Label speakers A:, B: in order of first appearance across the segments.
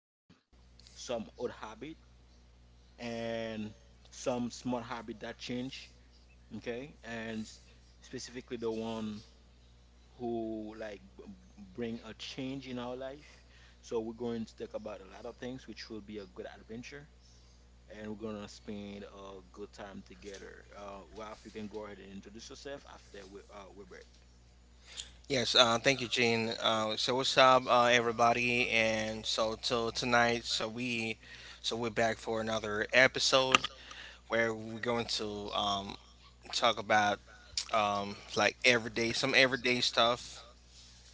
A: some old habit and some smart habit that change. Okay. Specifically the one who like bring a change in our life. So we're going to talk about a lot of things, which will be a good adventure and we're gonna spend a good time together. Ralph, you can go ahead and introduce yourself after we, Wilbert.
B: Yes, thank you, Gene. So what's up, everybody? And so till tonight, so we're back for another episode where we're going to talk about like some everyday stuff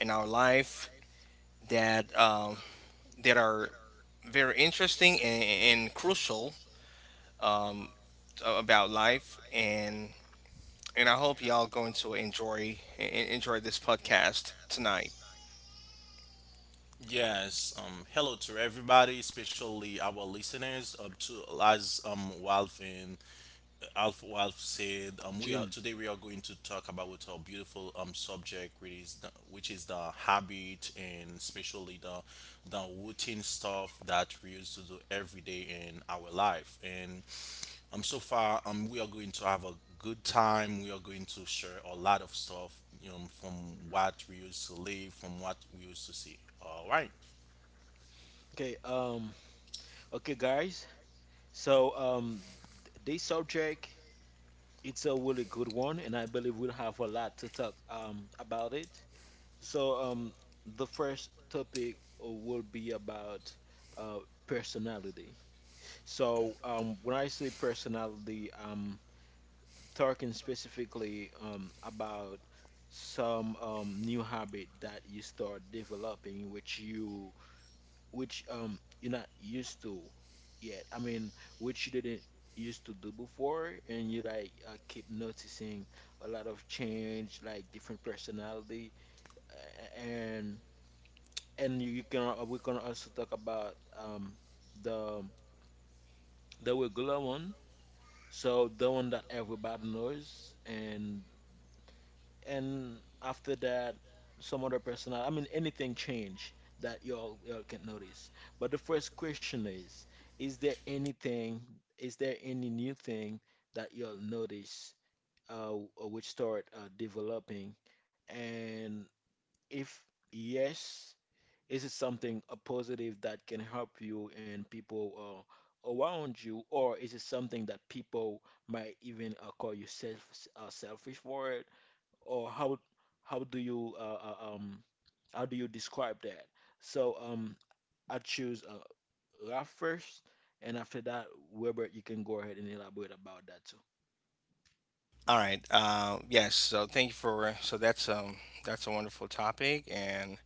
B: in our life that that are very interesting, and crucial, um, about life, and I hope y'all going to enjoy this podcast tonight.
C: Yes, hello to everybody, especially our listeners. Up to as Walf and Alf Walf said, we are
A: June.
C: today we are going to talk about our beautiful subject, which is the habit and especially the routine stuff that we used to do every day in our life. And so far we are going to have a good time. We are going to share a lot of stuff, you know, from what we used to live, from what we used to see. All right.
A: Okay. Okay, guys. So this subject it's a really good one, and I believe we'll have a lot to talk about it. So the first topic will be about personality. So when I say personality, talking specifically about some new habit that you start developing, which you're not used to yet. I mean, which you didn't used to do before, and you like keep noticing a lot of change, like different personality, and and you can we can also talk about the the regular one. So the one that everybody knows. And after that, some other person, I mean, anything change that y'all can notice. But the first question is there anything, is there any new thing that y'all notice which start developing? And if yes, is it something a positive that can help you and people around you, or is it something that people might even call you self selfish for it? Or how do you uh, uh, um how do you describe that? So I choose Ralph first, and after that, Wilbert, you can go ahead and elaborate about that too.
B: All right. Yes. So thank you for. So that's a wonderful topic, and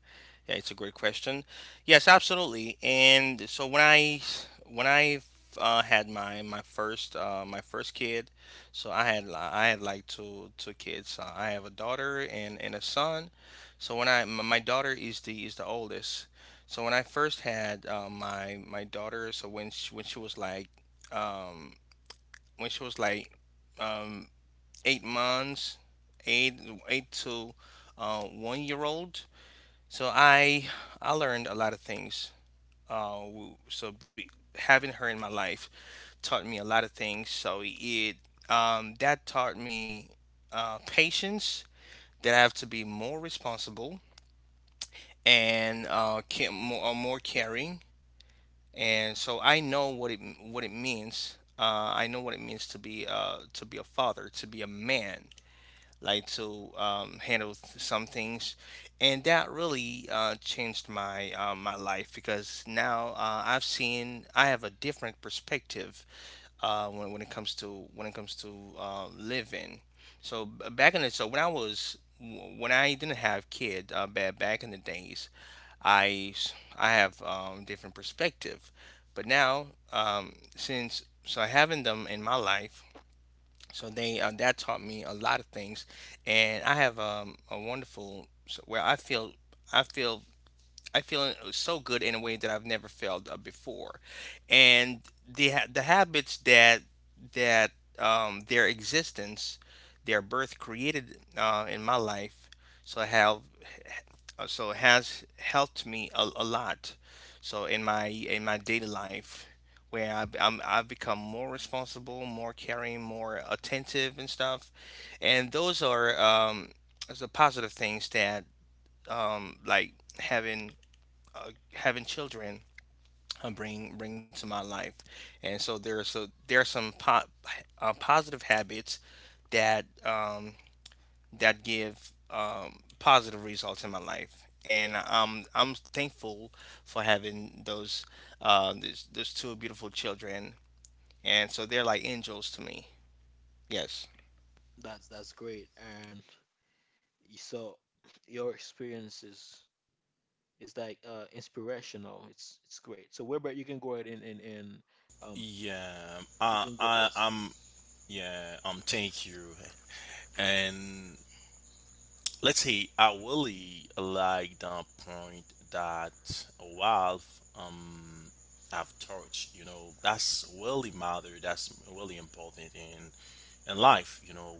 B: yeah, it's a great question. Yes, absolutely. And so when I had my first kid, so I had like two kids. I have a daughter and a son. So when I my my daughter is the oldest. So when I first had, my daughter, so when she was like, um when she was like um, 8 months, eight eight to 1 year old. So I learned a lot of things. Uh, w- so be, Having her in my life taught me a lot of things. So it that taught me patience. That I have to be more responsible and, more caring. And so I know what it means. I know what it means to be, to be a father, to be a man, like to, handle some things, and that really changed my, my life, because now, I have a different perspective when it comes to, living. So b- back in the when I didn't have kid, back in the days, I have different perspective, but now, since having them in my life, so they that taught me a lot of things, and I have, a wonderful so where I feel I feel so good in a way that I've never felt before, and the habits that, that their existence, their birth created in my life. So I have so it has helped me a lot, so in my daily life, where I've become more responsible, more caring, more attentive and stuff, and those are positive things that, like, having, having children, bring to my life, and so there are some po- positive habits that, that give, positive results in my life, and, I'm thankful for having those, those two beautiful children, and so they're like angels to me. Yes,
A: That's great, and so your experience is like inspirational. It's great. So Wilbert, you can go ahead and um
C: Yeah,
A: you can go.
C: I,
A: Yes.
C: I'm. Yeah, Thank you, and let's say I really like the point that Ralph have touched. You know, that's really matter. That's really important in life. You know,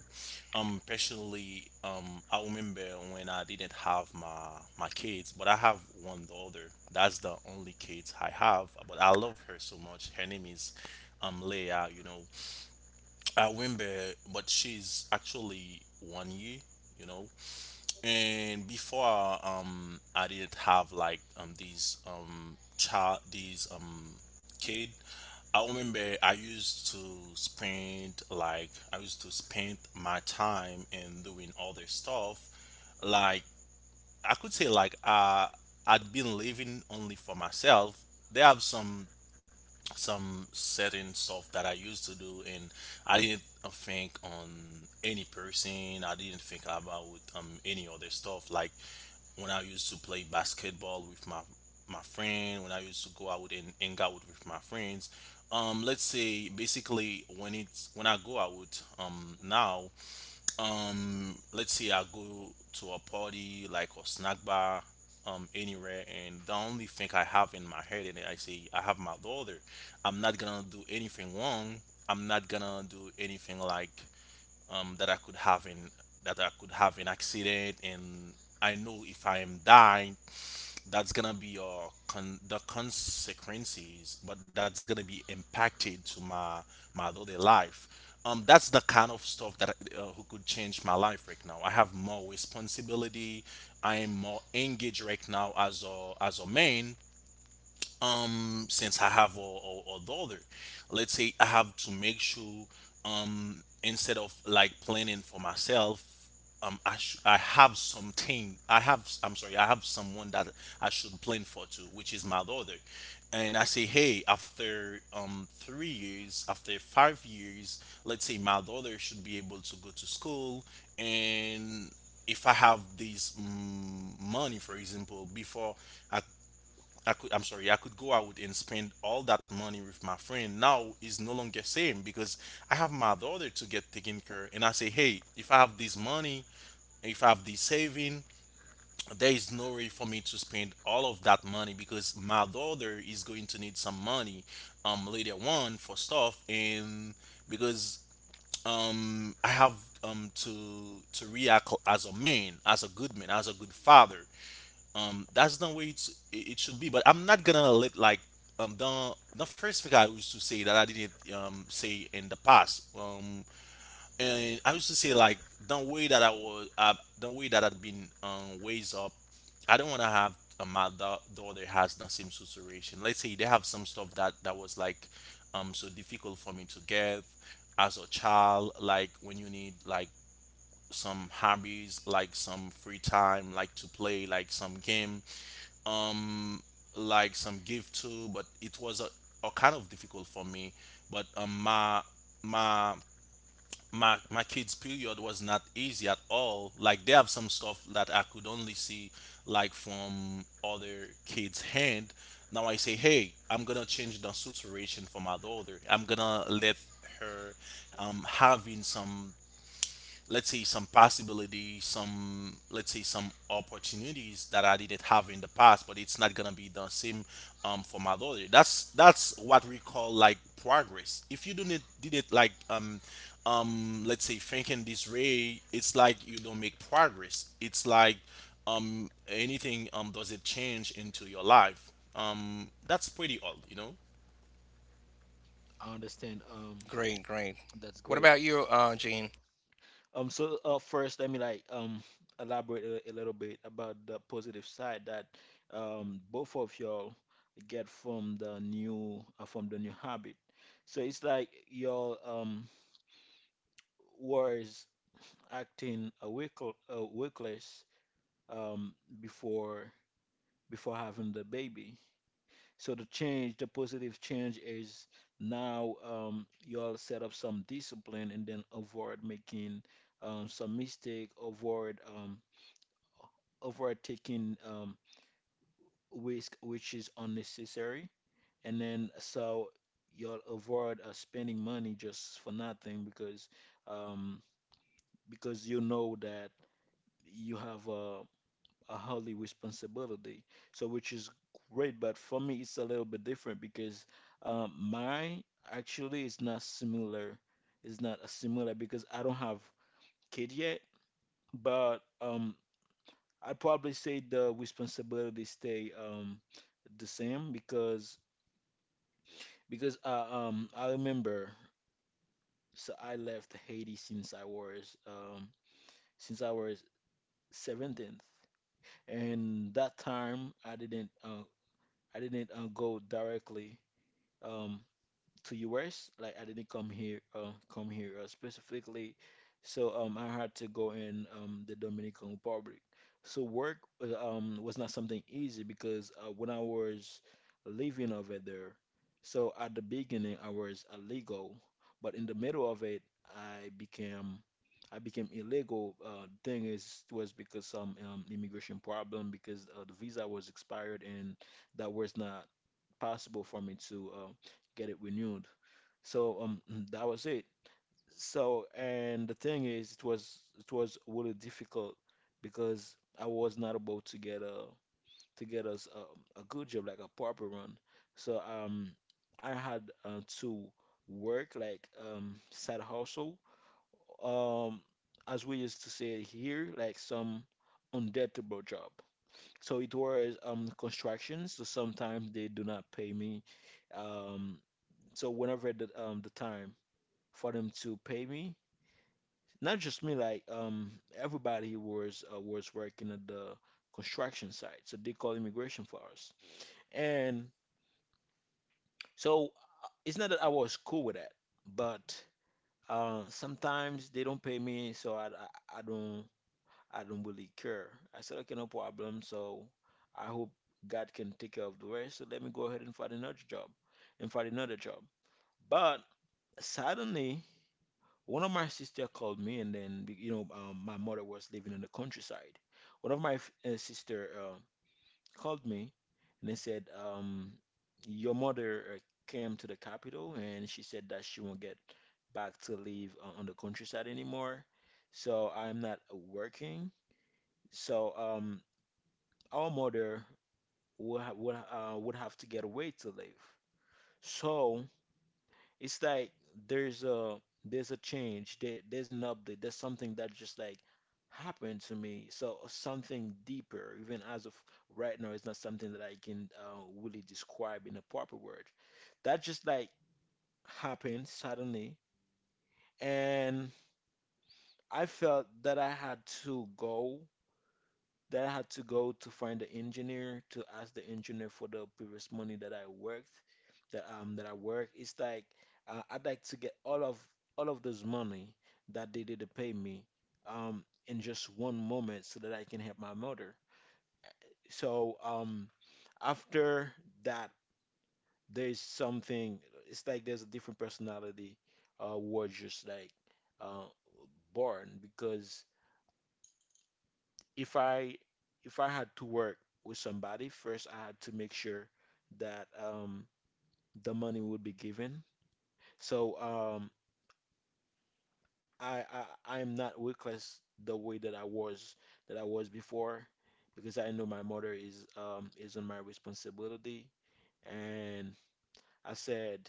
C: personally, I remember when I didn't have my kids, but I have one daughter. That's the only kids I have. But I love her so much. Her name is Leia. You know, I remember, but she's actually 1 year. You know, and before I didn't have like these child these kid. I remember I used to spend like I used to spend my time in doing other stuff like I could say like I'd been living only for myself. They have some certain stuff that I used to do, and I didn't think on any person. I didn't think about any other stuff like when I used to play basketball with my friend, when I used to go out and hang out with my friends. Let's say basically when it's when I go out now, let's say I go to a party like a snack bar, anywhere, and the only thing I have in my head and I say I have my daughter. I'm not gonna do anything wrong. I'm not gonna do anything like that I could have in that I could have an accident, and I know if I am dying, that's gonna be your con- the consequences, but that's gonna be impacted to my my daily life. That's the kind of stuff that who could change my life. Right now I have more responsibility. I am more engaged right now as a man, since I have a daughter. Let's say I have to make sure, instead of like planning for myself, I have something. I have, I'm sorry, I have someone that I should plan for too, which is my daughter. And I say, hey, after 3 years, after 5 years, let's say my daughter should be able to go to school. And if I have money, for example, before, I I could, I'm sorry, I could go out and spend all that money with my friend. Now is no longer same because I have my daughter to get taken care, and I say, hey, if I have this money, if I have this saving, there is no way for me to spend all of that money because my daughter is going to need some money, later on for stuff. And because I have to react as a man, as a good man, as a good father. That's the way it it should be. But I'm not gonna let like the first thing I used to say that I didn't say in the past, and I used to say like the way that I was, the way that I'd been raised up. I don't want to have a mother daughter has the same situation. Let's say they have some stuff that that was like so difficult for me to get as a child, like when you need like some hobbies, like some free time, like to play like some game, um like some gift too, but it was a kind of difficult for me. But my my kids period was not easy at all. Like they have some stuff that I could only see like from other kids hand. Now I say, hey, I'm gonna change the situation for my daughter. I'm gonna let her having some, let's say some possibilities, some, let's say some opportunities that I didn't have in the past, but it's not gonna be the same, for my daughter. That's what we call like progress. If you do not did it like let's say thinking this way, it's like you don't make progress. It's like anything does it change into your life. That's pretty odd, you know.
A: I understand.
B: great, great.
A: That's
B: What
A: great.
B: about you, Gene?
A: So first, let me like elaborate a little bit about the positive side that both of y'all get from the new habit. So it's like y'all was acting a wickle wickless um before before having the baby. So the change, the positive change is now y'all set up some discipline and then avoid making some mistake, avoid overtaking risk which is unnecessary, and then so you'll avoid spending money just for nothing because um, because you know that you have a holy responsibility. So which is great, but for me it's a little bit different because mine actually is not similar. It's not a similar because I don't have kid yet, but I'd probably say the responsibility stay the same because I remember so I left Haiti since I was since I was 17, and that time I didn't go directly um to US. Like I didn't come here specifically. So I had to go in the Dominican Republic. So work was not something easy because when I was living over there, so at the beginning I was illegal, but in the middle of it I became I became illegal. Thing is was because some immigration problem because the visa was expired and that was not possible for me to get it renewed. So that was it. So and the thing is, it was really difficult because I was not able to get a to get us a good job like a proper one. So I had to work like side hustle um as we used to say here, like some undeadable job. So it was construction. So sometimes they do not pay me. Um, so whenever the time for them to pay me. Not just me, like everybody who was working at the construction site, so they call immigration for us. And so it's not that I was cool with that, but sometimes they don't pay me, so I don't really care. I said okay, no problem. So I hope God can take care of the rest. So let me go ahead and find another job, and find another job. But suddenly one of my sister called me, and then you know, my mother was living in the countryside. One of my sister called me, and they said, "Your mother came to the capital, and she said that she won't get back to live on the countryside anymore. So I'm not working. So our mother would have to get away to live. So." It's like there's a there's a change, there, there's an update, there's something that just like happened to me. So something deeper, even as of right now, it's not something that I can really describe in a proper word. That just like happened suddenly, and I felt that I had to go That I had to go to find the engineer to ask the engineer for the previous money that I worked that I work. It's like I'd like to get all of this money that they did to pay me in just one moment so that I can help my mother. So after that there's something it's like there's a different personality was just like uh born because if I if I had to work with somebody, first I had to make sure that the money would be given. So I, I am not reckless the way that I was before because I know my mother is on my responsibility, and I said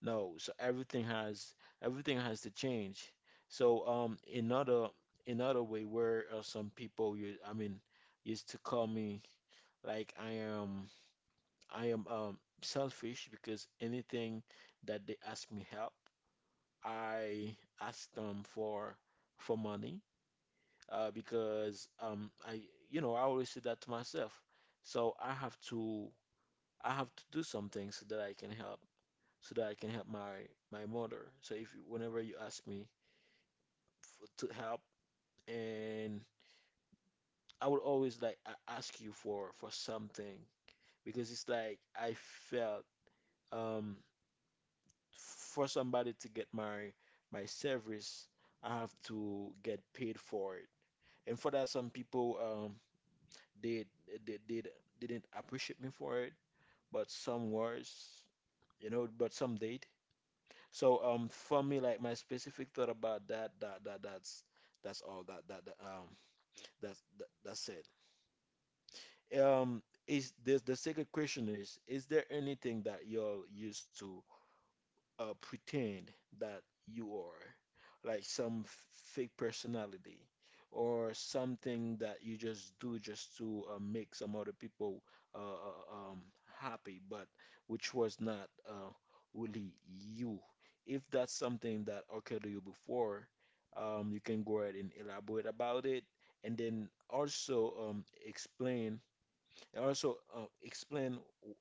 A: no. So everything has to change. So another another way where some people you I mean used to call me like I am selfish because anything that they ask me help, I ask them for money because I you know I always say that to myself. So I have to do something so that I can help so that I can help my my mother. So if you- whenever you ask me f to help and I would always like ask you for something because it's like I felt um for somebody to get my my service, I have to get paid for it. And for that, some people they they did didn't appreciate me for it, but some was, you know, but some did. So for me, like my specific thought about that that that that's all that that, that that's that, that's it. Is this the second question is there anything that y'all used to pretend that you are? Like some fake personality or something that you just do just to make some other people uh, uh, um, happy, but which was not really you. If that's something that occurred to you before, you can go ahead and elaborate about it, and then also explain, and also explain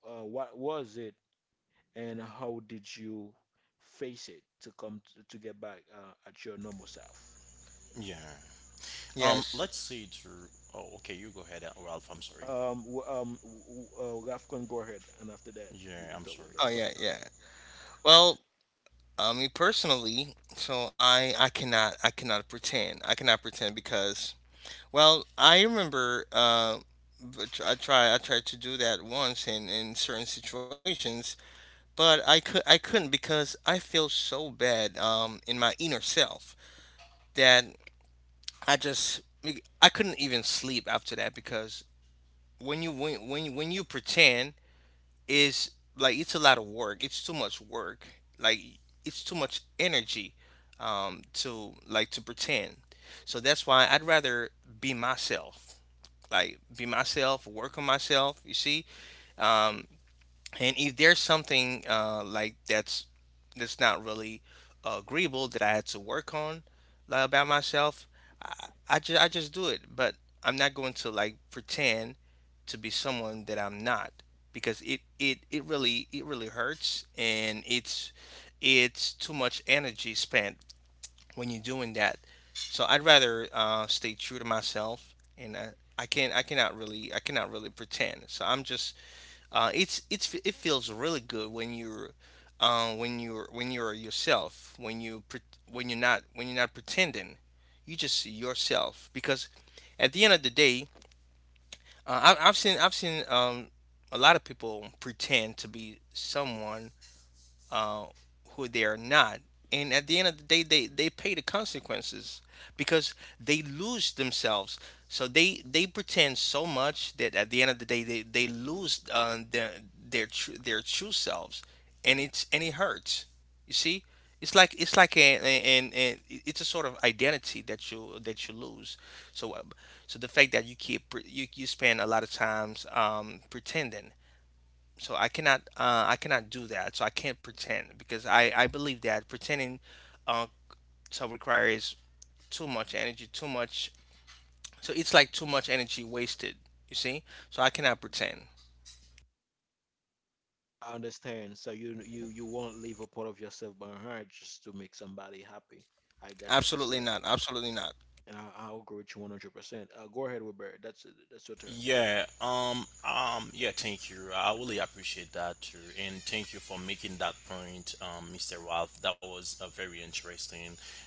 A: what was it and how did you face it to come to get back at your normal self.
C: Yeah.
B: Yes.
C: Let's see. To Oh, okay, you go ahead, Ralph, I'm sorry.
A: Um, w- um, w- Rafcon, go ahead, and after that, you,
C: Yeah,
A: you
C: I'm
A: talk with
C: sorry.
B: Oh
A: Bert.
C: Go
B: yeah,
C: ahead.
B: yeah. Well, me personally, so I cannot pretend, because, well, I remember, but I tried to do that once in, certain situations, but I couldn't because I feel so bad, in my inner self, that I just I couldn't even sleep after that, because when you pretend. Is like it's a lot of work. It's too much work. Like it's too much energy, to, like, to pretend. So that's why I'd rather be myself. Like, be myself, work on myself, you see? Um And if there's something, like, that's not really, agreeable, that I had to work on, like, about myself, I just do it. But I'm not going to, like, pretend to be someone that I'm not, because it really hurts, and it's too much energy spent when you're doing that. So I'd rather, stay true to myself, and, I can't, I cannot really pretend. So I'm just, it feels really good when you're, when you're yourself, when you, pre- when you're not pretending, you just yourself. Because at the end of the day, I've seen a lot of people pretend to be someone, uh, who they are not. And at the end of the day, they pay the consequences, because they lose themselves. So they pretend so much that at the end of the day, they lose, their true selves. And it hurts. You see, it's like it's a sort of identity that you lose. So, uh, so the fact that you keep, pre- you spend a lot of times, pretending, so I cannot do that. So I can't pretend, because I believe that pretending, uh, so, requires too much energy, too much. So it's like too much energy wasted, you see, so I cannot pretend.
A: I understand. So you won't leave a part of yourself behind just to make somebody happy. I got what you
B: Absolutely
A: said,
B: not, absolutely not.
A: and I agree with you 100%. Go ahead, Wilbert. That's your turn.
C: Yeah, yeah, thank you. I really appreciate that too. And thank you for making that point, Mr. Ralph. That was very interesting.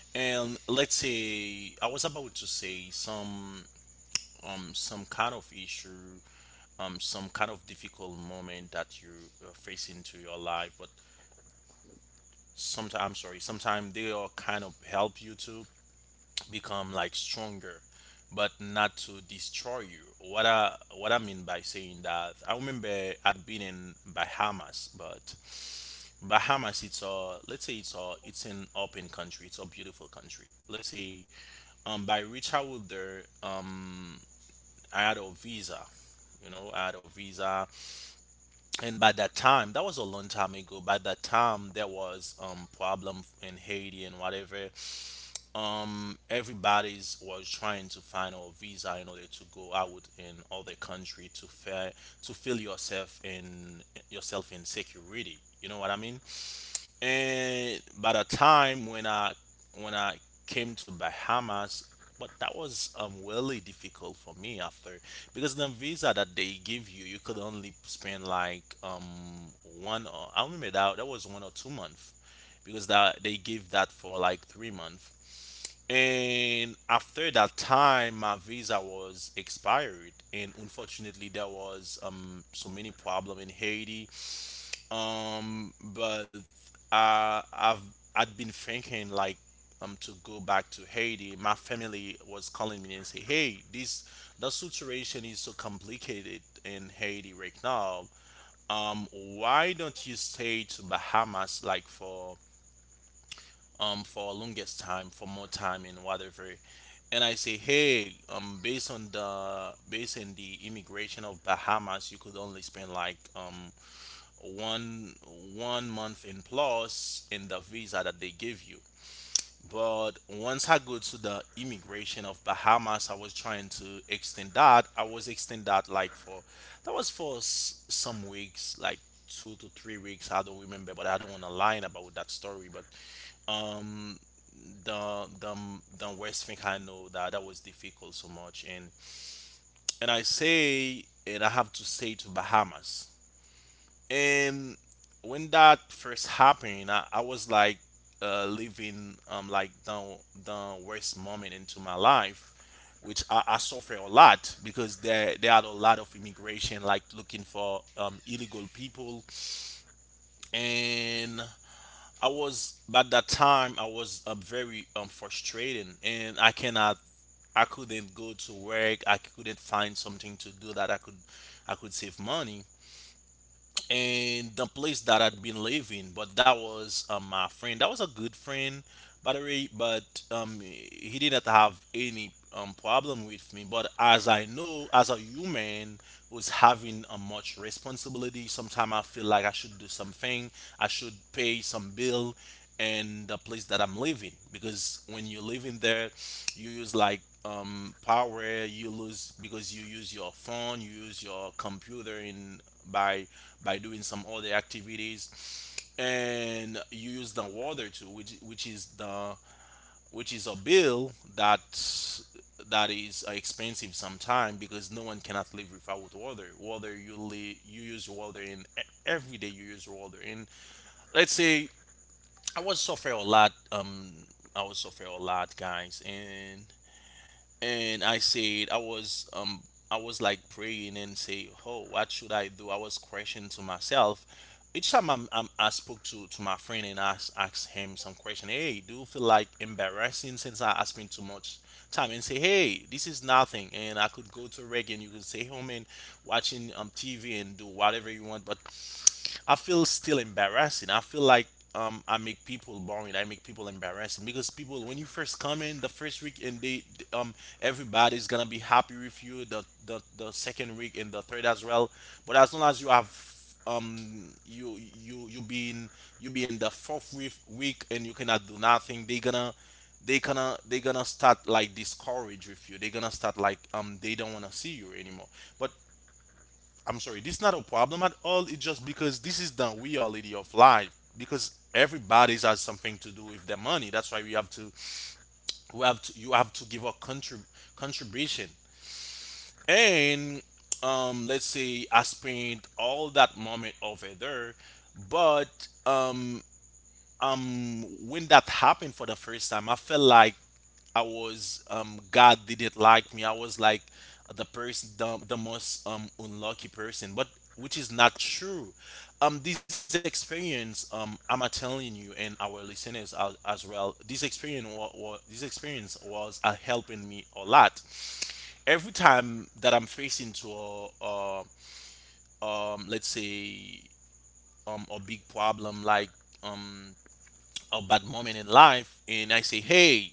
C: And let's say I was about to say some kind of issue, some kind of difficult moment that you face into your life, but sometimes, I'm sorry, sometimes they all kind of help you to become like stronger, but not to destroy you. What I mean by saying that, I remember I'd been in Bahamas. But Bahamas, it's a, let's say it's a, it's an open country, it's a beautiful country. Let's say by which I was there, I had a visa. You know, I had a visa. And by that time, that was a long time ago, by that time there was problem in Haiti and whatever. Everybody's was trying to find a visa in order to go out in other country to fair to feel yourself in security, you know what I mean. And by the time when I came to Bahamas, but that was really difficult for me after, because the visa that they give you, you could only spend like one or, I remember that that was 1 or 2 months, because that they give that for like 3 months. And after that time my visa was expired, and unfortunately there was so many problem in Haiti. But I've I'd been thinking like to go back to Haiti. My family was calling me and say, hey, this, the situation is so complicated in Haiti right now. um why don't you stay to Bahamas like for longest time, for more time, and whatever. And I say, hey, based on the immigration of Bahamas, you could only spend like one one month in plus in the visa that they give you. But once I go to the immigration of Bahamas, I was trying to extend that. I was extend that like for, that was for some weeks, like 2 to 3 weeks, I don't remember, but I don't want to lie about that story. But um the the the worst thing, I know that that was difficult so much. And I say, and I have to say to Bahamas. And when that first happened, I was like living like the worst moment into my life, which I suffer a lot, because there are a lot of immigration like looking for illegal people. And I was, by that time I was very frustrating, and I cannot, I couldn't go to work. I couldn't find something to do that I could save money. And the place that I'd been living, but that was my friend. That was a good friend, by the way. But he didn't have any problem with me. But as I know, as a human who's having a much responsibility, sometimes I feel like I should do something. I should pay some bill and the place that I'm living. Because when you're living there, you use like power. You lose because you use your phone, you use your computer in by doing some other activities, and you use the water too, which is the which is a bill that is expensive sometime, because no one cannot live without water. Water you you use water in every day you use water in. Let's say I was suffer a lot. I was suffer a lot, guys. And I said I was like praying and say, oh, what should I do? I was questioning to myself. Each time I spoke to my friend and asked him some question. Hey, do you feel like embarrassing since I spent too much time and say, hey, this is nothing, and I could go to reggae and you could stay home and watching TV and do whatever you want, but I feel still embarrassing. I feel like I make people boring. I make people embarrassing because people when you first come in the first week and they um everybody's gonna be happy with you the second week and the third as well. But as long as you have you being you be in the fourth week and you cannot do nothing, they gonna they gonna start like discourage with you. They gonna start like they don't wanna see you anymore. But I'm sorry, this is not a problem at all. It's just because this is the reality of life. Because everybody's has something to do with their money. That's why you have to give a contribution. And let's say I spent all that moment over there, but when that happened for the first time, I felt like I was God didn't like me. I was like the person, the most unlucky person, but which is not true. This experience, I'm telling you and our listeners as well, this experience was helping me a lot every time that I'm facing to a let's say a big problem, like um a bad moment in life, and I say, hey,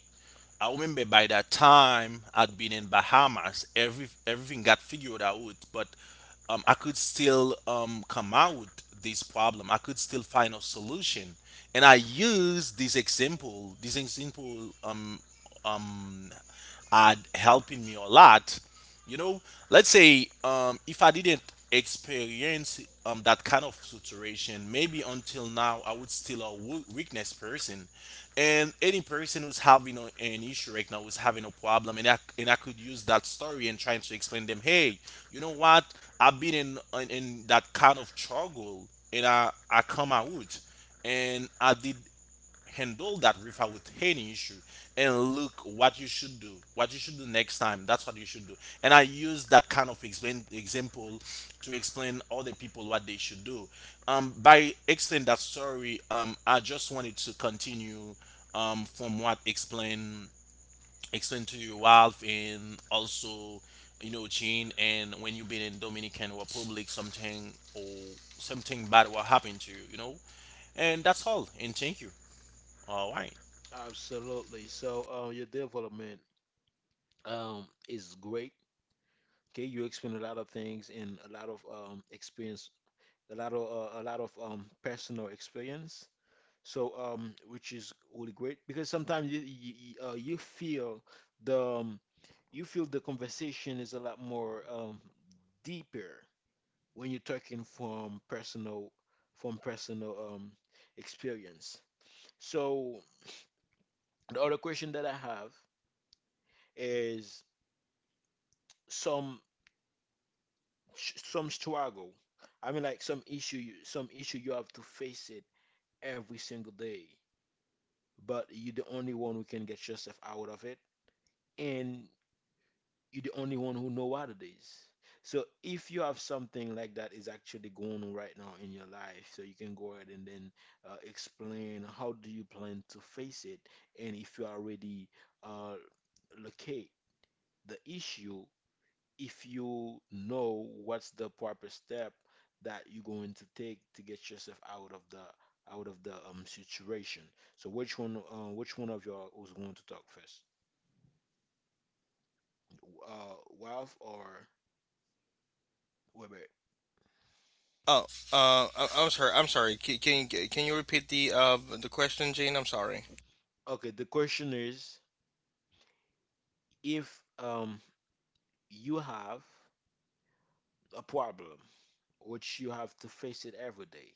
C: I remember by that time I'd been in Bahamas, everything got figured out, but I could still come out this problem. I could still find a solution, and I use this example, um, are helping me a lot. You know, let's say if I didn't experience that kind of situation, maybe until now I would still a weakness person. And any person who's having an issue right now, who's having a problem, and I could use that story and trying to explain them, hey, you know what? I've been in, that kind of struggle, and I come out, and I did handle that river with any issue. And look what you should do, what you should do next time. That's what you should do. And I use that kind of example to explain other people what they should do. By explaining that story, I just wanted to continue from what explain to you, Ralph, and also, you know, Jean, and when you've been in Dominican Republic something or something bad will happen to you, you know. And that's all, and thank you. All right.
A: Absolutely. So your development is great. Okay, you explain a lot of things and a lot of experience, a lot of a lot of personal experience. So which is really great because sometimes you you, you, the um, you feel the conversation is a lot more deeper when you're talking from personal experience. So the other question that I have is some some struggle. I mean, like some issue you have to face it every single day, but you're the only one who can get yourself out of it and you're the only one who know what it is. So if you have something like that is actually going on right now in your life, so you can go ahead and then explain how do you plan to face it, and if you already uh, locate the issue, if you know what's the proper step that you're going to take to get yourself out of the situation. So which one of y'all was going to talk first, uh, Ralph or Weber?
B: Oh, I'm sorry, I'm sorry. Can you repeat the question, Jane? I'm sorry.
A: Okay, the question is if you have a problem which you have to face it every day,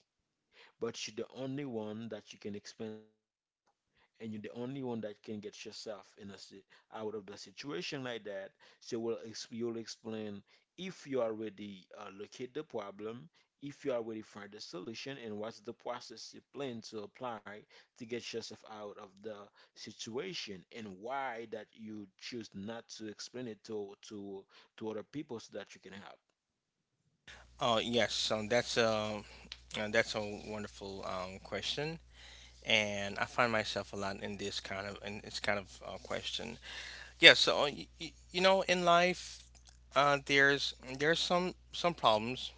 A: but you're the only one that you can explain that to, and you're the only one that can get yourself out of the situation like that. So you'll explain if you already locate the problem, if you already find the solution, and what's the process you plan to apply to get yourself out of the situation, and why that you choose not to explain it to other people so that you can help.
B: Oh yes, so that's a wonderful, question, and I find myself a lot in this kind of question. Yeah, so, in life, there's some problems,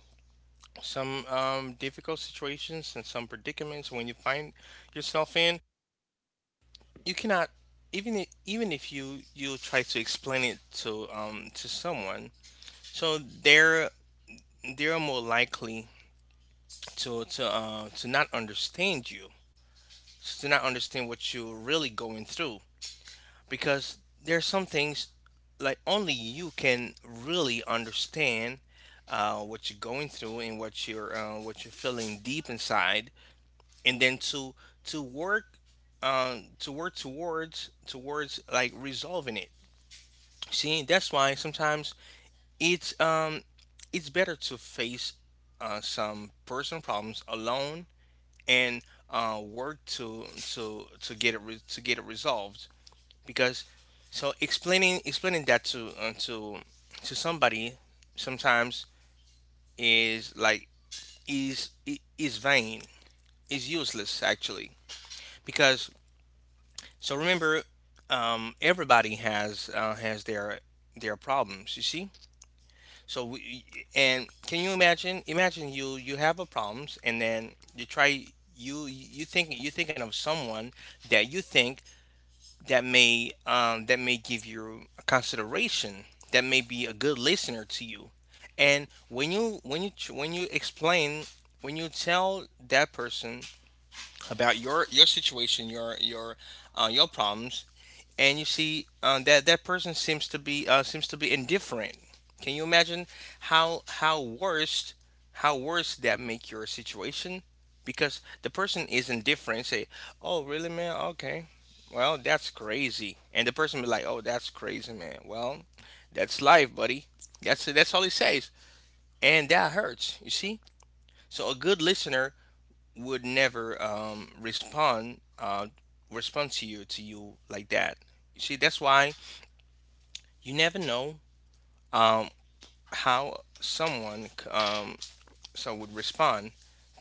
B: some, difficult situations, and some predicaments when you find yourself in. You cannot, even, even if you try to explain it to someone, so they're more likely to not understand you, to not understand what you're really going through, because there's some things, like, only you can really understand, what you're going through and what you're feeling deep inside, and then, to work to work towards, like, resolving it. See, that's why sometimes it's um it's better to face, some personal problems alone, and, work to get it resolved, because, so, explaining, that to somebody, sometimes, is like, is vain, is useless, actually, because, so, remember, everybody has their, problems, you see, so we, and can you imagine, you, have a problems, and then you try, you thinking of someone that you think, that may give you a consideration, that may be a good listener to you, and when you when you when you explain when you tell that person about your situation, your problems, and you see, that that person seems to be, indifferent. Can you imagine how how worst how worse that make your situation? Because the person is indifferent. Say, "Oh really, man? Okay, well, that's crazy." And the person be like, "Oh, that's crazy, man. Well, that's life, buddy." That's all he says, and that hurts. You see. So a good listener would never, respond to you like that. You see, that's why you never know, um, how someone, would respond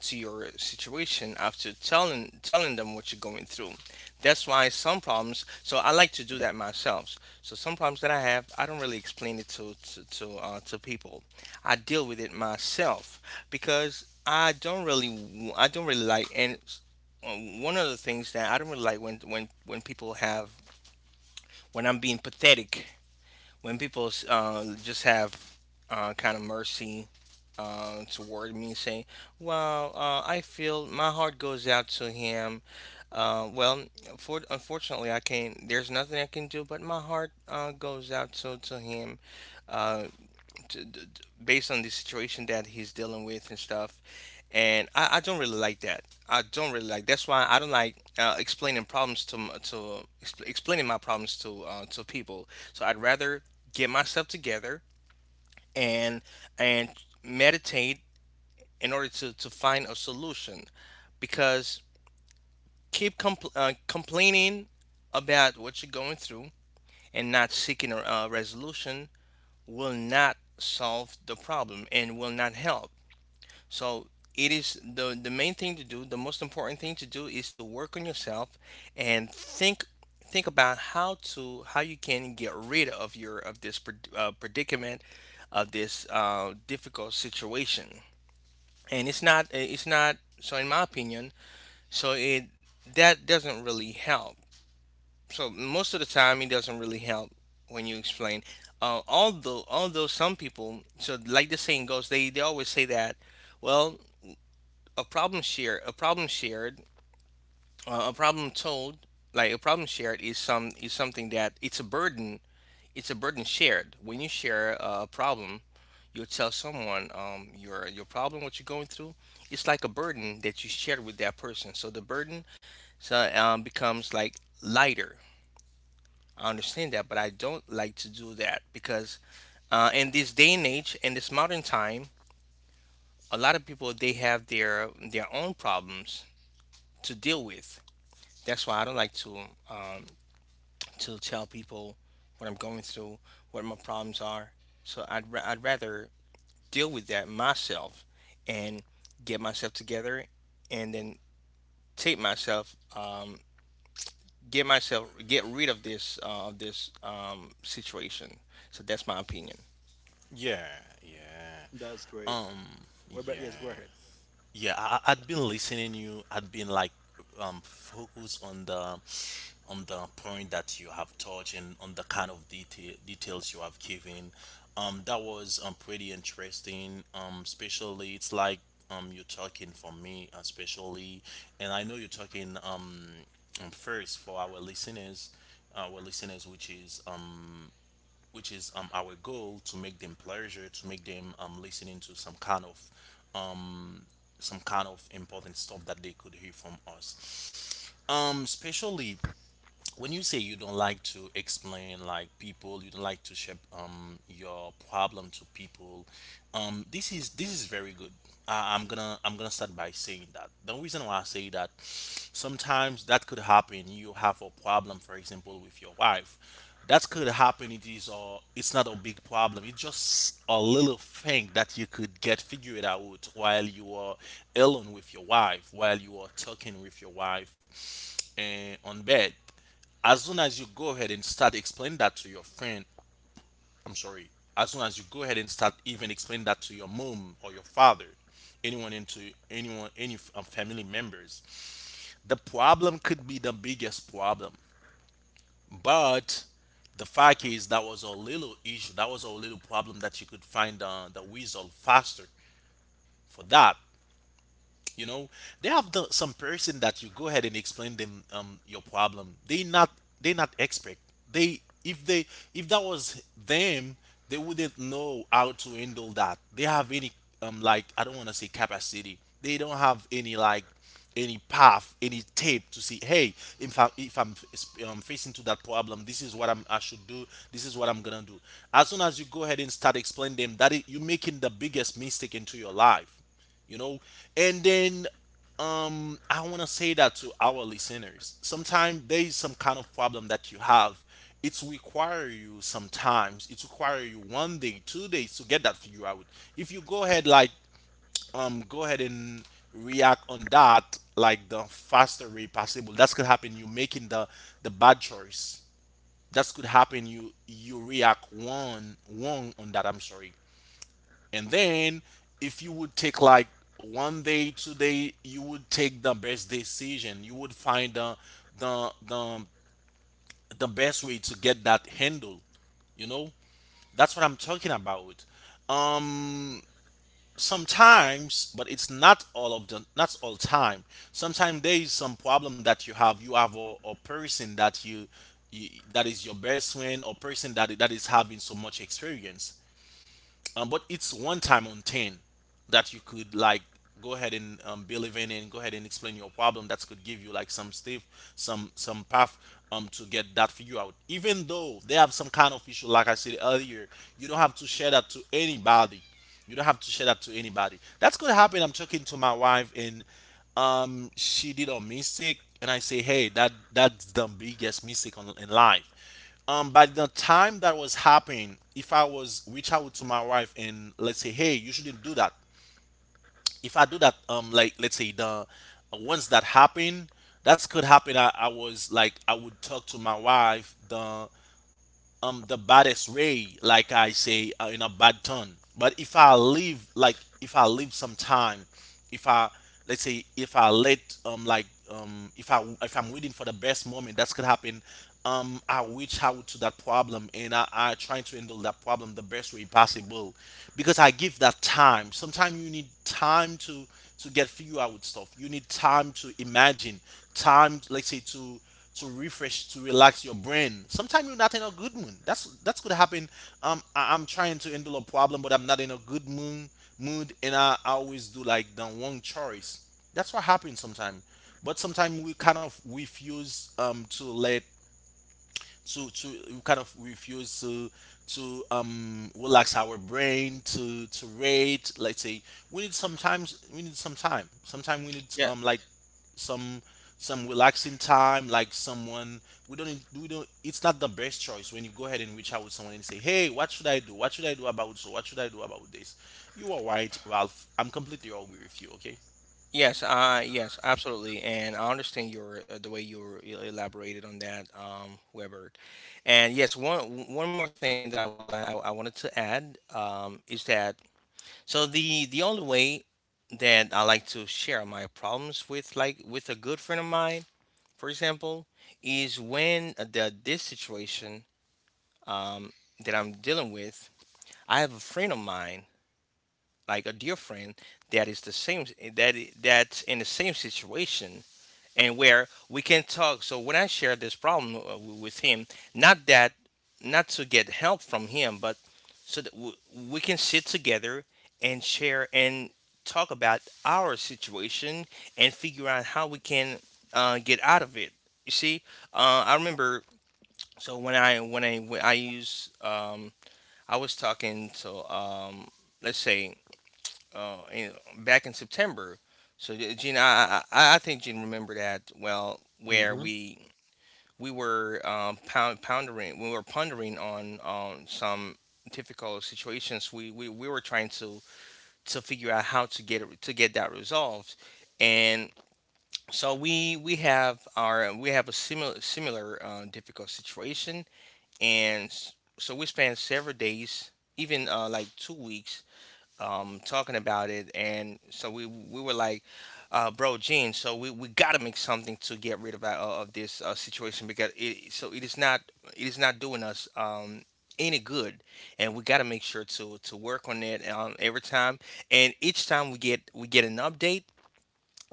B: to your situation after telling them what you're going through. That's why some problems. So I like to do that myself. So some problems that I have, I don't really explain it to people. I deal with it myself, because I don't really like, and, one of the things that I don't really like, when people have, when I'm being pathetic, when people, just have, kind of mercy, toward me, saying, "Well, I feel my heart goes out to him." Well, for, unfortunately, I can't. There's nothing I can do, but my heart, goes out to him, uh, to, to, based on the situation that he's dealing with and stuff, and I don't really like that. I don't really like. That's why I don't like, explaining my problems to people. So I'd rather get myself together, and and meditate in order to find a solution, because keep, complaining about what you're going through and not seeking a, resolution, will not solve the problem and will not help. So it is the main thing to do, the most important thing to do is to work on yourself and think about how, to how you can get rid of your, of this, predicament, of this, difficult situation. And it's not so, in my opinion, so, it that doesn't really help. So most of the time it doesn't really help when you explain. Although some people, so like the saying goes, they always say that, well, a problem shared a problem shared a problem told like a problem shared is something that, it's a burden, it's a burden shared. When you share a problem, you tell someone your problem, what you're going through, it's like a burden that you share with that person, so the burden, so becomes like lighter. I understand that, but I don't like to do that because in this day and age, in this modern time, a lot of people, they have their own problems to deal with. That's why I don't like um, to tell people what I'm going through, what my problems are. So I'd rather deal with that myself, and get myself together, and then take myself get myself, get rid of this situation. So that's my opinion.
C: Yeah, yeah.
A: That's
C: Um,
A: great. What
C: yeah,
A: about yes? Go ahead.
C: yeah. I'd been listening you. I'd been like, focused on on the point that you have touched and on the kind of details you have given. That was pretty interesting. Especially it's like you're talking for me, especially, and I know you're talking first for our listeners, which is which is, our goal to make them pleasure, to make them listening to um, some kind of important stuff that they could hear from us. Especially when you say you don't like to explain like people, you don't like to share your problem to people, this is very good. I'm gonna start by saying that the reason why I say that, sometimes that could happen, you have a problem for example with your wife. That could happen, it is a it's not a big problem. It's just a little thing that you could get figured out while you are alone with your wife, while you are talking with your wife and on bed. As soon as you go ahead and start explaining that to your friend, I'm sorry, as soon as you go ahead and start even explaining that to your mom or your father, anyone into anyone, any family members, the problem could be the biggest problem. But the fact is, that was a little issue, that was a little problem that you could find the result faster for that. You know, they have the, some person that you go ahead and explain them your problem. They not expert. They if that was them, they wouldn't know how to handle that. They have any like I don't want to say capacity. They don't have any like any path, any tape to see. Hey, if I'm facing to that problem, this is what I should do. This is what I'm gonna do. As soon as you go ahead and start explaining them, that it, you're making the biggest mistake into your life, you know. And then I want to say that to our listeners, sometimes there is some kind of problem that you have, it's require you sometimes. It require you 1 day 2 days to get that figure out. If you go ahead like go ahead and react on that like the faster way possible, that's could happen you making the bad choice. That's could happen you react wrong on that, I'm sorry. And then if you would take like 1 day 2 day, you would take the best decision. You would find the the, the best way to get that handle, you know. That's what I'm talking about. um sometimes, but it's not all of the not all time. Sometimes there is some problem that you have, you have a person that you that is your best friend, or person that that is having so much experience, but it's one time on 10 that you could like go ahead and believe in and go ahead and explain your problem that could give you like some step, some path, to get that figure out. Even though they have some kind of issue like I said earlier, you don't have to share that to anybody. You don't have to share that to anybody. That's gonna happen, I'm talking to my wife, and she did a mistake, and I say, hey, that's the biggest mistake on, in life. By the time that was happening, if I was reach out to my wife and let's say, hey, you shouldn't do that. If I do that, like let's say the once that happened, that could happen, I was like I would talk to my wife the baddest way, like I say, in a bad tone. But if I leave like if I leave some time, if I let's say if I let if I if I'm waiting for the best moment, that's could happen I reach out to that problem and I try to handle that problem the best way possible, because I give that time. Sometimes you need time to get figure out stuff. You need time to imagine time, let's say to refresh, to relax your brain. Sometimes you're not in a good mood, that's gonna happen. I, I'm trying to handle a problem but I'm not in a good mood, and I always do like the wrong choice. That's what happens sometimes. But sometimes we kind of refuse to let to we kind of refuse to relax our brain to rate, let's say. We need sometimes we need some time. Sometimes we need
B: Yeah.
C: like some some relaxing time like someone. We don't need- we don't, it's not the best choice when you go ahead and reach out with someone and say, hey, what should I do, what should I do about, so what should I do about this? You are right, Ralph, I'm completely agree with you, okay.
B: Yes, yes, absolutely, and I understand your the way you you elaborated on that, Weber. And yes, one more thing that I would like, I wanted to add is that, so the only way that I like to share my problems with, like with a good friend of mine, for example, is when the this situation that I'm dealing with, I have a friend of mine, like a dear friend that is the same, that's in the same situation and where we can talk. So when I share this problem with him, not that, not to get help from him, but so that we can sit together and share and talk about our situation and figure out how we can get out of it, you see. I remember, so when I use I was talking to let's say, uh, in, back in September. So Gene, I I think Gene remember that well, where
A: Hmm.
B: we were pondering, we were pondering on some difficult situations. We we were trying to figure out how to get that resolved, and so we have a similar difficult situation, and s- so we spent several days, even like 2 weeks talking about it, and so we were like, "Bro, Gene, so we gotta make something to get rid of this situation because it, so it is not, it is not doing us any good, and we gotta make sure to work on it every time. And each time we get an update,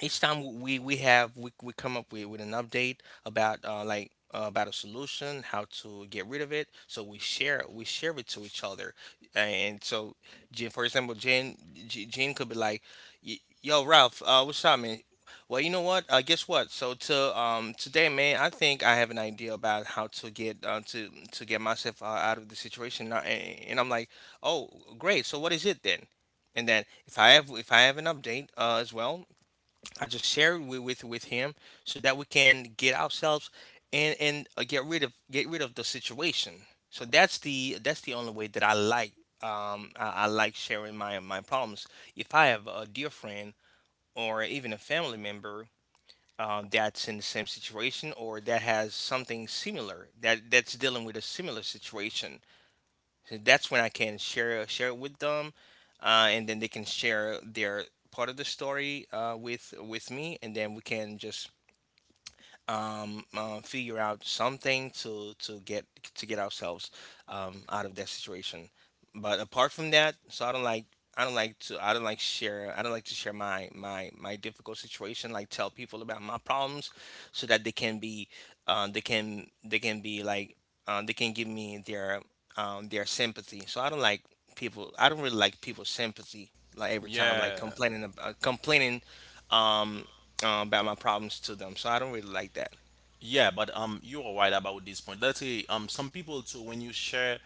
B: each time we come up with an update about about a solution, how to get rid of it. So we share it to each other. And so Jen, for example, Jen, Jen could be like, Yo Ralph, what's up man, well you know what, guess what, so to today man, I think I have an idea about how to get to get myself out of the situation." And, and I'm like, "Oh great, so what is it then?" And then if I have, if I have an update as well, I just shared with him so that we can get ourselves and get rid of the situation. So that's the, that's the only way that I like, I like sharing my my problems. If I have a dear friend or even a family member that's in the same situation, or that has something similar, that that's dealing with a similar situation, so that's when I can share it with them, and then they can share their part of the story with me, and then we can just figure out something to to get ourselves out of that situation. But apart from that, so I don't like, I don't like to I don't like to share my my difficult situation, like tell people about my problems so that they can be, they can be like, they can give me their sympathy. So I don't like people, I don't really like people's sympathy, like every time, like
C: Yeah,
B: complaining um about my problems to them. So I don't really like that.
C: yeah, but you are right about this point. Let's say some people too, when you share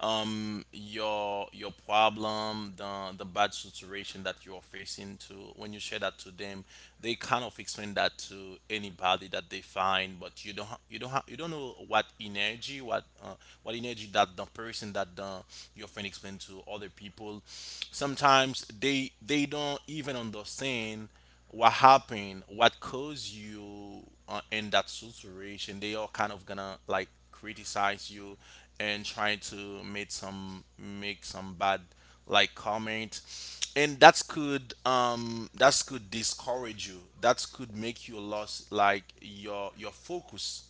C: your problem, the bad situation that you are facing to, when you share that to them, they kind of explain that to anybody that they find. But you don't ha- you don't ha- you don't know what energy, what energy that the person that the your friend explain to other people, sometimes they don't even understand what happened, what caused you in that situation. They are kind of gonna like criticize you and try to make some bad like comment, and that's could discourage you, that could make you lost like your focus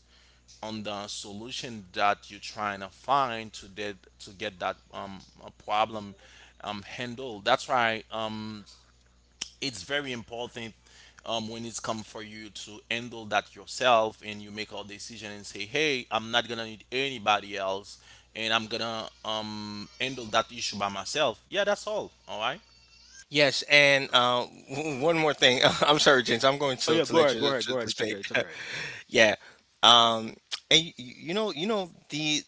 C: on the solution that you're trying to find to get that problem handled. That's why it's very important when it's come for you to handle that yourself and you make a decision and say, hey, I'm not gonna need anybody else and I'm gonna handle that issue by myself. Yeah, that's all. All right.
B: Yes, and one more thing. I'm sorry, James. I'm going
A: Oh yeah,
B: to let you
A: go
B: to
A: ahead.
B: speak.
A: It's okay.
B: Yeah. Um, and you, you know the,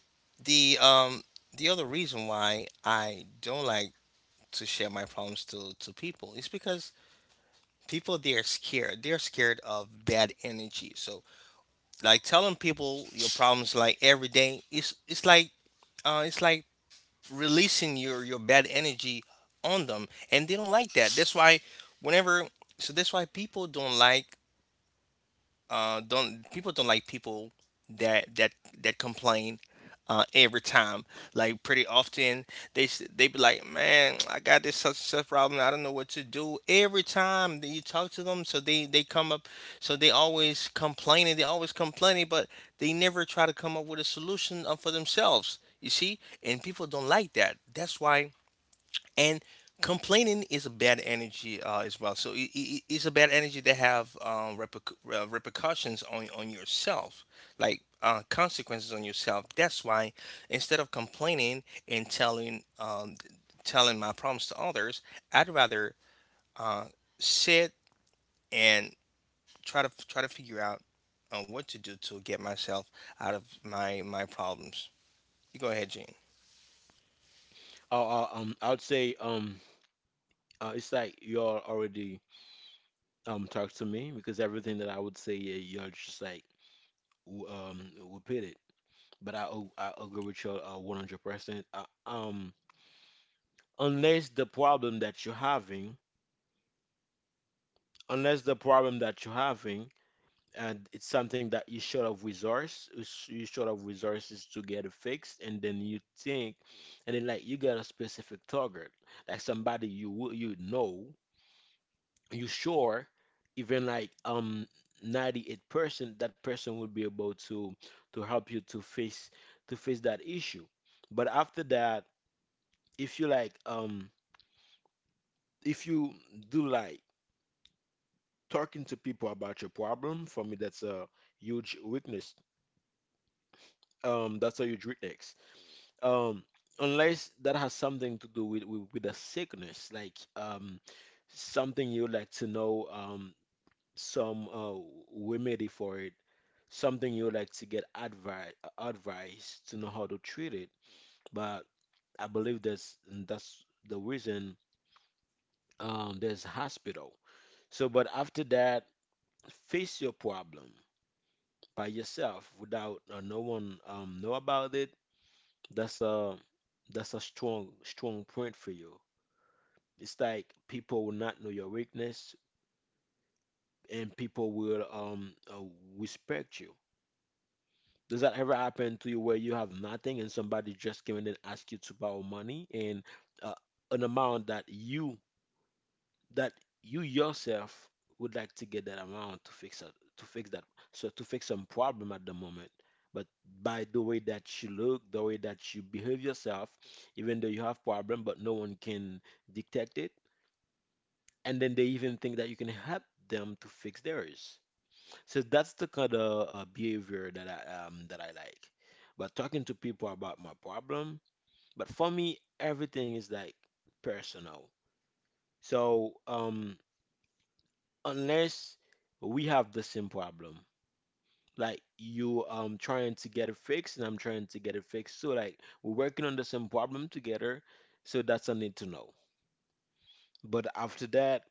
B: the um the other reason why I don't like to share my problems to people is because people, they are scared. They're scared of bad energy. So like telling people your problems like every day is, it's like, it's like releasing your bad energy on them, and they don't like that. That's why whenever, so that's why people don't like, don't people don't like people that that complain every time. Like pretty often they, they be like, "Man, I got this such and such problem. I don't know what to do." Every time that you talk to them, so they come up, so they always complaining. They always complaining, but they never try to come up with a solution for themselves. You see, and people don't like that. That's why, and complaining is a bad energy as well, so it's a bad energy that have repercussions on yourself, like consequences on yourself. That's why, instead of complaining and telling telling my problems to others, I'd rather uh, sit and try to figure out what to do to get myself out of my my problems. You go ahead, Gene.
A: I'll say, uh, it's like you all already talked to me because everything that I would say, yeah, you're just like w- um repeat it. But I agree with you 100%. Unless the problem that you're having, unless the problem that you're having, and it's something that you short of resource, you short of resources to get it fixed, and then you think, and then like you got a specific target, like somebody you know you sure even 98% that person will be able to help you to face that issue. But after that, if you if you do like talking to people about your problem, for me that's a huge weakness, that's a huge weakness, um unless that has something to do with with a sickness, something you would like to know some remedy for it, something you like to get advice to know how to treat it. But I believe that's the reason, there's hospital. So, but after that, face your problem by yourself without no one um know about it. That's a that's a strong strong point for you. It's like people will not know your weakness, and people will respect you. Does that ever happen to you where you have nothing and somebody just came in and asked you to borrow money and, uh, an amount that that you yourself would like to get that amount to fix it to fix that so to fix some problem at the moment. But by the way that you look, the way that you behave yourself, even though you have problem, but no one can detect it, and then they even think that you can help them to fix theirs. So that's the kind of behavior that I like. But talking to people about my problem, but for me, everything is like personal. So unless we have the same problem, like you trying to get it fixed and I'm trying to get it fixed, so like we're working on the same problem together, so that's a need to know. But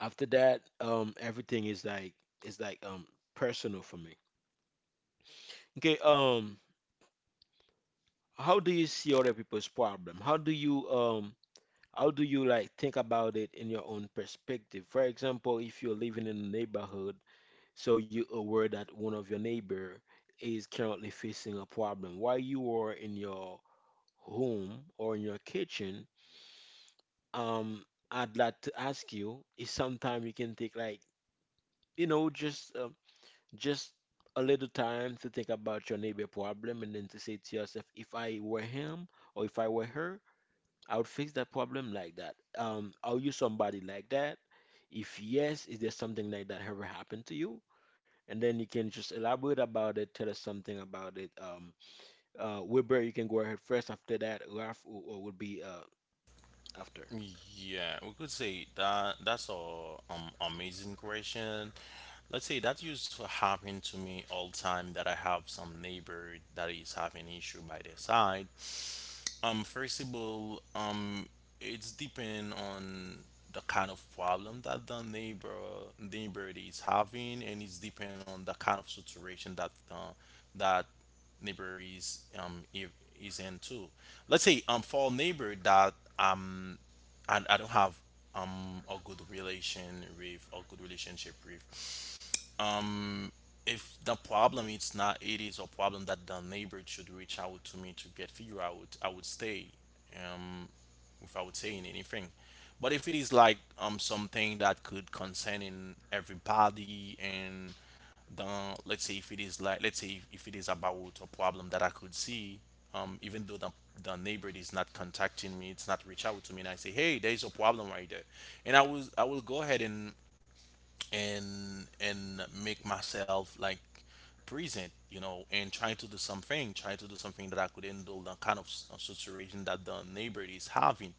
A: after that, everything is like is like um personal for me. Okay, how do you see other people's problem? How do you like think about it in your own perspective? For example, if you're living in a neighborhood, so you're aware that one of your neighbor is currently facing a problem while you are in your home or in your kitchen, um, I'd like to ask you if sometime you can take like, you know, just a little time to think about your neighbor problem and then to say to yourself, if I were him or if I were her, I would fix that problem like that. Are you somebody like that? If yes, is there something like that ever happened to you? And then you can just elaborate about it, tell us something about it. Wilbur, you can go ahead first. After that, Ralph will be after.
C: Yeah, we could say that that's a amazing question. Let's say that used to happen to me all time that I have some neighbor that is having issue by their side. First of all, it's depend on the kind of problem that the neighbor is having, and it's depend on the kind of situation that the that neighbor is if is in too. Let's say for neighbor that um I don't have a good relation with or good relationship with. Um if the problem it's not it is a problem that the neighbor should reach out to me to get figure out, I would stay um without saying anything. But if it is like something that could concern in everybody and the let's say if it is like let's say if it is about a problem that I could see, even though the neighbor is not contacting me, it's not reach out to me, and I say, hey, there is a problem right there, and I will go ahead and make myself like present, you know, and try to do something that I could handle the kind of of situation that the neighbor is having.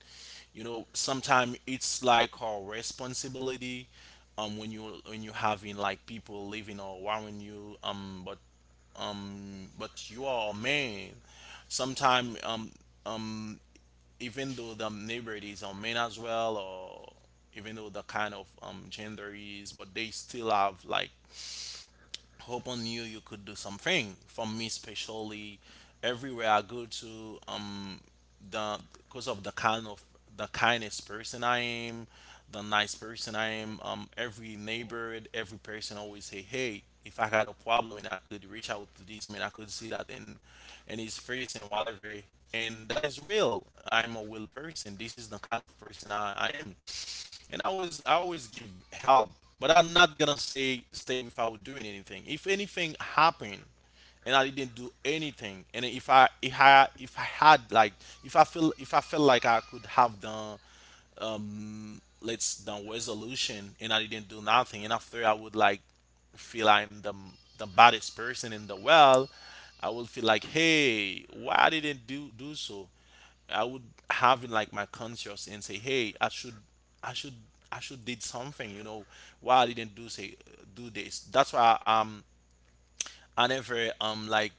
C: You know, sometimes it's like our responsibility when you having like people living or around you, but you are a man sometimes um, even though the neighborhood is on men as well, or even though the kind of gender is, but they still have like hope on you, you could do something. For me especially, everywhere I go to, the because of the kind of the kindest person I am, the nice person I am, every neighborhood, every person always say, hey, if I got a problem and I could reach out to this man, I could see that in his face and whatever. And that is real, I'm a real person, this is the kind of person I am. And I always give help, but I'm not gonna say stay without doing anything. If anything happened and I didn't do anything, and if I had like if I feel if I felt like I could have done let's done resolution and I didn't do nothing, and after I would like feel I'm the baddest person in the world, I would feel like, hey, why I didn't do do so. I would have it like my conscious and say, hey, I should, I should, I should did something, you know, why I didn't do say do this. That's why I never like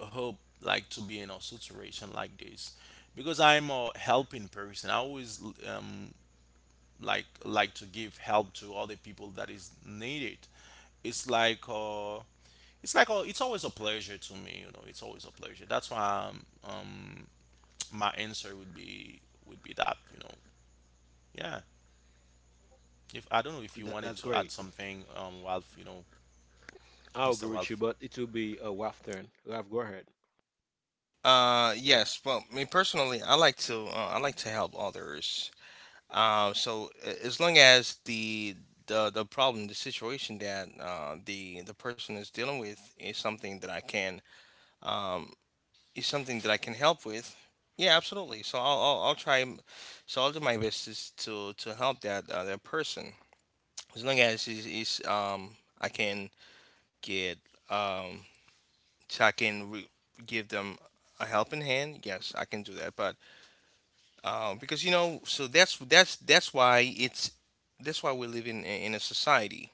C: hope like to be in a situation like this, because I'm a helping person. I always um like to give help to other people that is needed. It's like uh it's always a pleasure to me, you know. It's always a pleasure. That's why, um my answer would be that, you know, yeah. If I don't know if you wanted
A: That's
C: to add
A: great.
C: something, Ralph, you know,
A: I'll agree
C: Mr.
A: with you,
C: Ralph.
A: but it will be Ralph's turn. Ralph, go ahead.
B: yes, well me personally, I like to help others. So, as long as the, the problem, the situation that the person is dealing with, is something that I can um, is something that I can help with. Yeah, absolutely. So I'll try. So I'll do my best, is to help that that person. As long as is I can get um I can give them a helping hand. Yes, I can do that. But because you know, so that's that's why it's, that's why we live in a society.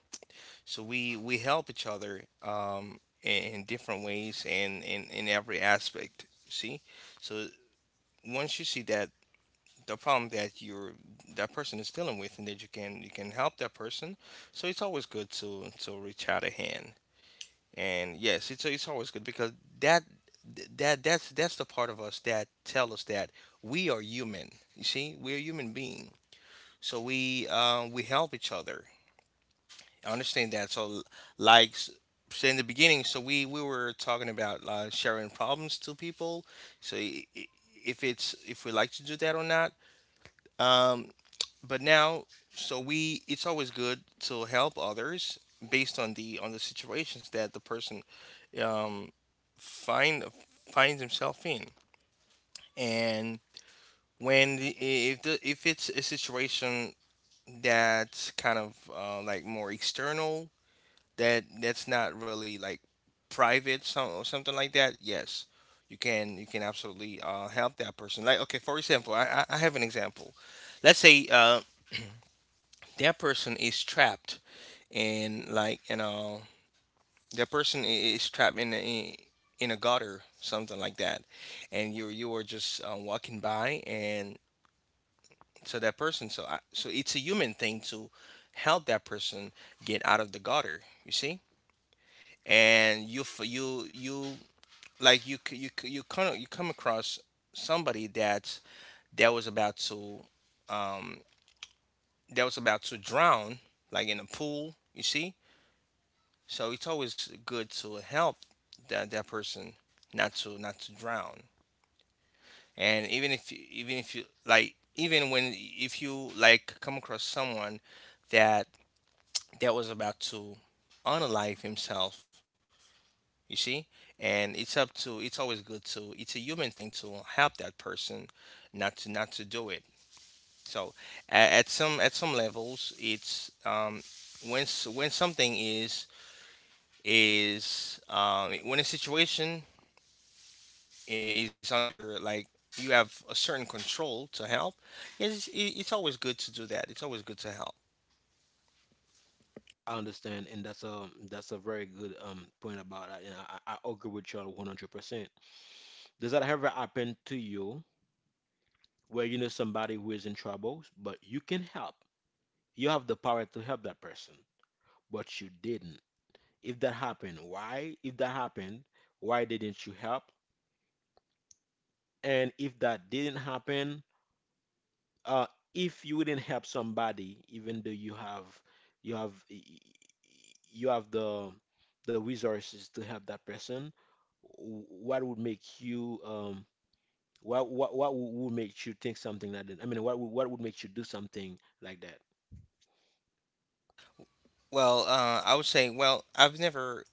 B: So we help each other in different ways and in every aspect, see. So once you see that the problem that you're that person is dealing with, and that you can, you can help that person, so it's always good to reach out a hand. And yes, it's always good because that, that's that's the part of us that tell us that we are human. You see, we're human being. So we help each other. I understand that. So, like s- so in the beginning, so we were talking about sharing problems to people. So, if it's if we like to do that or not. Um, but now, so we, it's always good to help others based on the, on the situations that the person um, find finds himself in. And when the, if it's a situation that's kind of like more external, that that's not really like private, some, or something like that, yes, you can, you can absolutely help that person. Like okay, for example, I have an example. Let's say, that person is trapped in, like you know, that person is trapped in a gutter, something like that, and you are just walking by and to that person. So I, so it's a human thing to help that person get out of the gutter. You see, and you, like you, you kind of, you come across somebody that that was about to um that was about to drown like in a pool. You see, so it's always good to help that that person not to, not to drown. And even if you, even if you like, even when, if you like, come across someone that that was about to unalive himself, you see? And it's up to it's always good to, it's a human thing to help that person not to, not to do it. So at some, at some levels, it's when, when something is when a situation is under like, you have a certain control to help, it's always good to do that. It's always good to help.
A: I understand, and that's a very good point about that, and I agree with you 100%. Does that ever happen to you where you know somebody who is in trouble, but you can help? You have the power to help that person, but you didn't. If that happened, why? If that happened, why didn't you help? And if that didn't happen, uh, if you wouldn't help somebody, even though you have you have the resources to help that person, what would make you what would make you think something like that? I mean, what would make you do something like that?
B: Well I would say, well I've never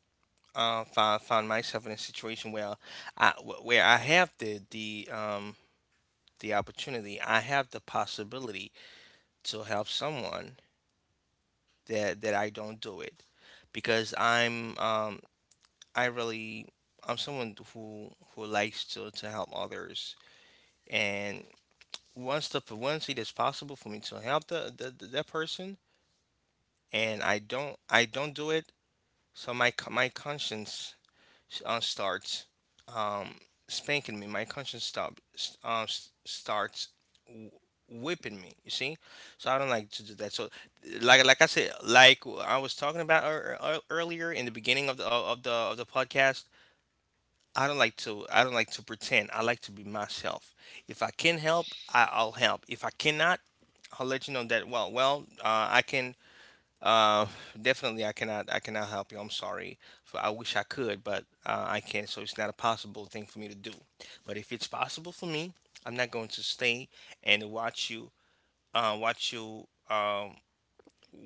B: find myself in a situation where I, where I have the opportunity, I have the possibility to help someone that that I don't do it, because I'm I really, I'm someone who likes to help others. And once the, once it is possible for me to help the that person, and I don't, I don't do it, so my, my conscience starts um, spanking me. My conscience starts w- whipping me. You see, so I don't like to do that. So, like I said, like I was talking about earlier, in the beginning of the of the podcast, I don't like to, I don't like to pretend. I like to be myself. If I can help, I'll help. If I cannot, I'll let you know that. Well, well, I can uh, definitely, I cannot. I cannot help you. I'm sorry. For I wish I could, but I can't. So it's not a possible thing for me to do. But if it's possible for me, I'm not going to stay and watch you. Watch you.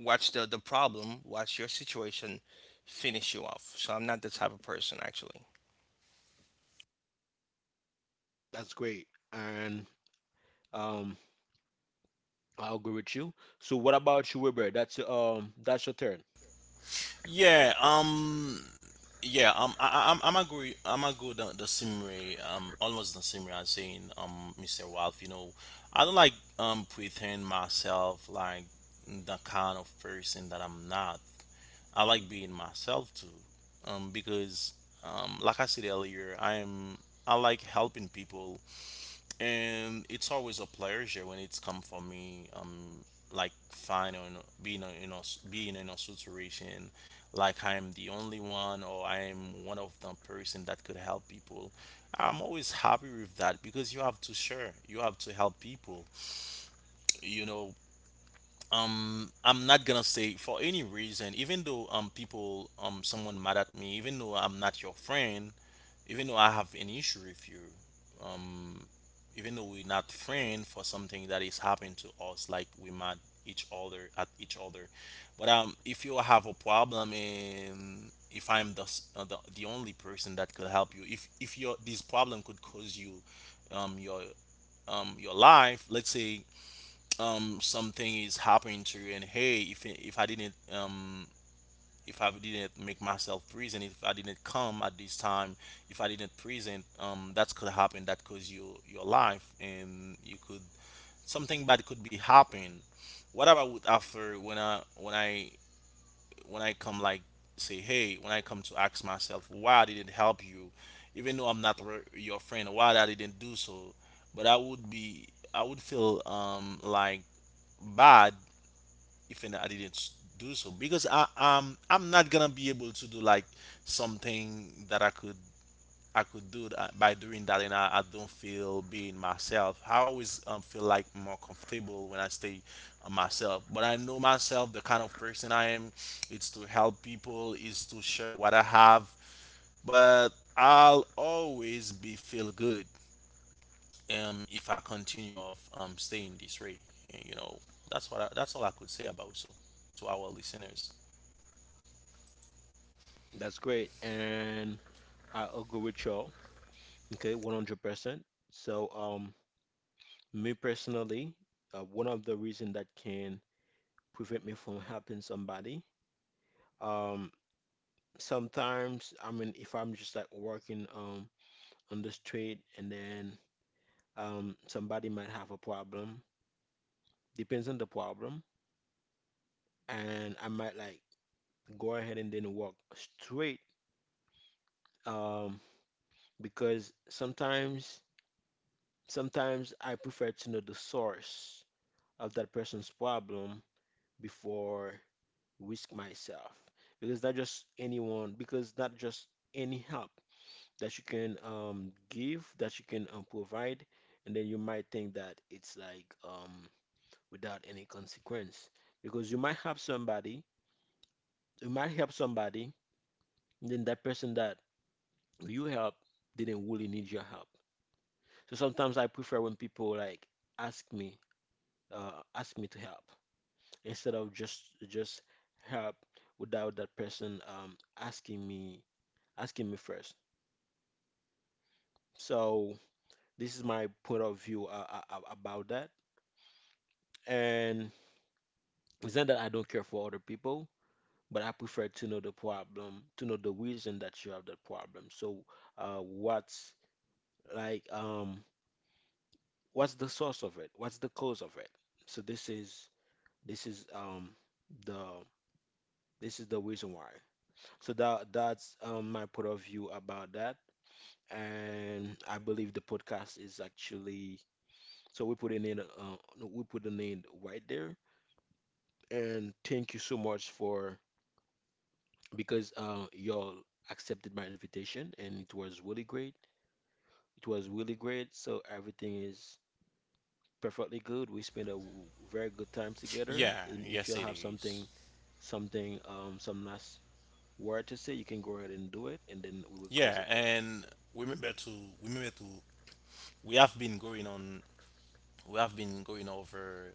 B: Watch the problem. Watch your situation. Finish you off. So I'm not the type of person, actually.
A: That's great. And um, I agree with you. So what about you, Weber? That's your turn.
C: Yeah, yeah, I'm agree the same way, almost the same way as saying, Mr. Wolf, you know, I don't like, pretend myself like the kind of person that I'm not. I like being myself too, because, like I said earlier, I am, I like helping people. And it's always a pleasure when it's come for me. Like fine or no, being a, in a being in a situation, like I am the only one or I am one of the person that could help people. I'm always happy with that, because you have to share, you have to help people. You know, I'm not gonna say for any reason, even though people someone mad at me, even though I'm not your friend, even though I have an issue with you, um, even though we're not friend for something that is happening to us, like we mad each other at each other, but if you have a problem and if I'm the the only person that could help you, if your this problem could cause you, um, your your life, let's say something is happening to you, and hey, if I didn't make myself present, if I didn't come at this time, if I didn't present, that could happen. That could your life, and you could something bad could be happen. What I would offer when I come like say, hey, when I come to ask myself why I didn't help you, even though I'm not your friend, why I didn't do so, but I would be I would feel like bad if and I didn't do so, because I I'm not gonna be able to do like something that I could do that, by doing that and I don't feel being myself. I always feel like more comfortable when I stay on myself. But I know myself, the kind of person I am, it's to help people, is to share what I have. But I'll always be feel good if I continue of staying this way. And, you know, that's what I, that's all I could say about so to our listeners.
A: That's great. And I agree with y'all. Okay, 100%. So me personally, one of the reason that can prevent me from helping somebody, um, sometimes I mean, if I'm just like working on the street and then somebody might have a problem, depends on the problem, and I might like go ahead and then walk straight, um, because sometimes I prefer to know the source of that person's problem before risk myself, because not just anyone, because not just any help that you can um give, that you can um provide, and then you might think that it's like um without any consequence, because you might help somebody and then that person that you help didn't really need your help. So sometimes I prefer when people like ask me, ask me to help instead of just help without that person um asking me first. So this is my point of view about that. And it's not that I don't care for other people, but I prefer to know the problem, to know the reason that you have that problem. So what's like what's the source of it? What's the cause of it? So this is um the this is the reason why. So that that's um my point of view about that. And I believe the podcast is actually, so we put an end right there. And thank you so much for, because y'all accepted my invitation and it was really great. It was really great. So everything is perfectly good. We spent a very good time together.
C: Yeah,
A: And if
C: yes
A: y'all
C: it
A: have
C: is.
A: something, some last word to say, you can go ahead and do it, and then we will
C: Yeah,
A: close it there.
C: and remember to remember to we have been going on we have been going over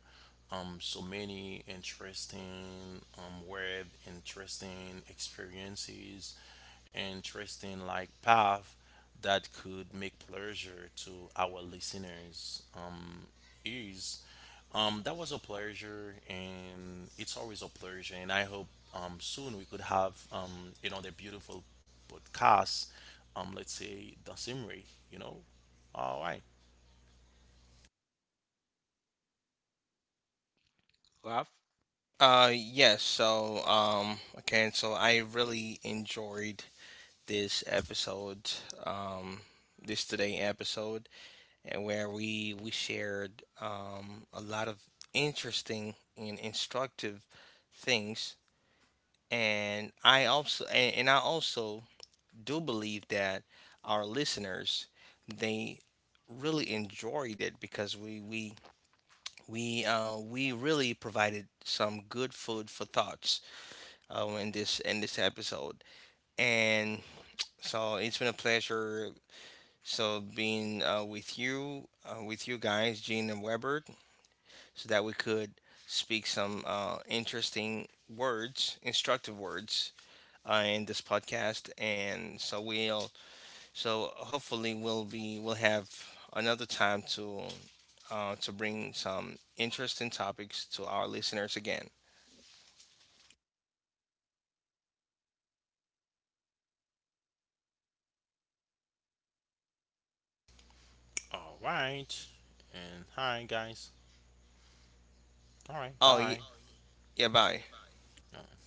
C: so many interesting interesting experiences, interesting like path that could make pleasure to our listeners is that was a pleasure, and it's always a pleasure. And I hope soon we could have another beautiful podcast. Let's say the same way, you know. All right.
A: Laugh
B: Yes. So okay. And so I really enjoyed this episode. Um, this today episode, and where we shared a lot of interesting and instructive things. And I also, and I also do believe that our listeners, they really enjoyed it, because we really provided some good food for thoughts in this, in this episode. And so it's been a pleasure. So being with you guys, Gene and Weber, so that we could speak some interesting words, instructive words in this podcast. And so we'll, so hopefully we'll be, we'll have another time to bring some interesting topics to our listeners again.
C: All right. And hi, guys. All right.
B: Oh,
C: Bye.
B: yeah, bye.
C: Right.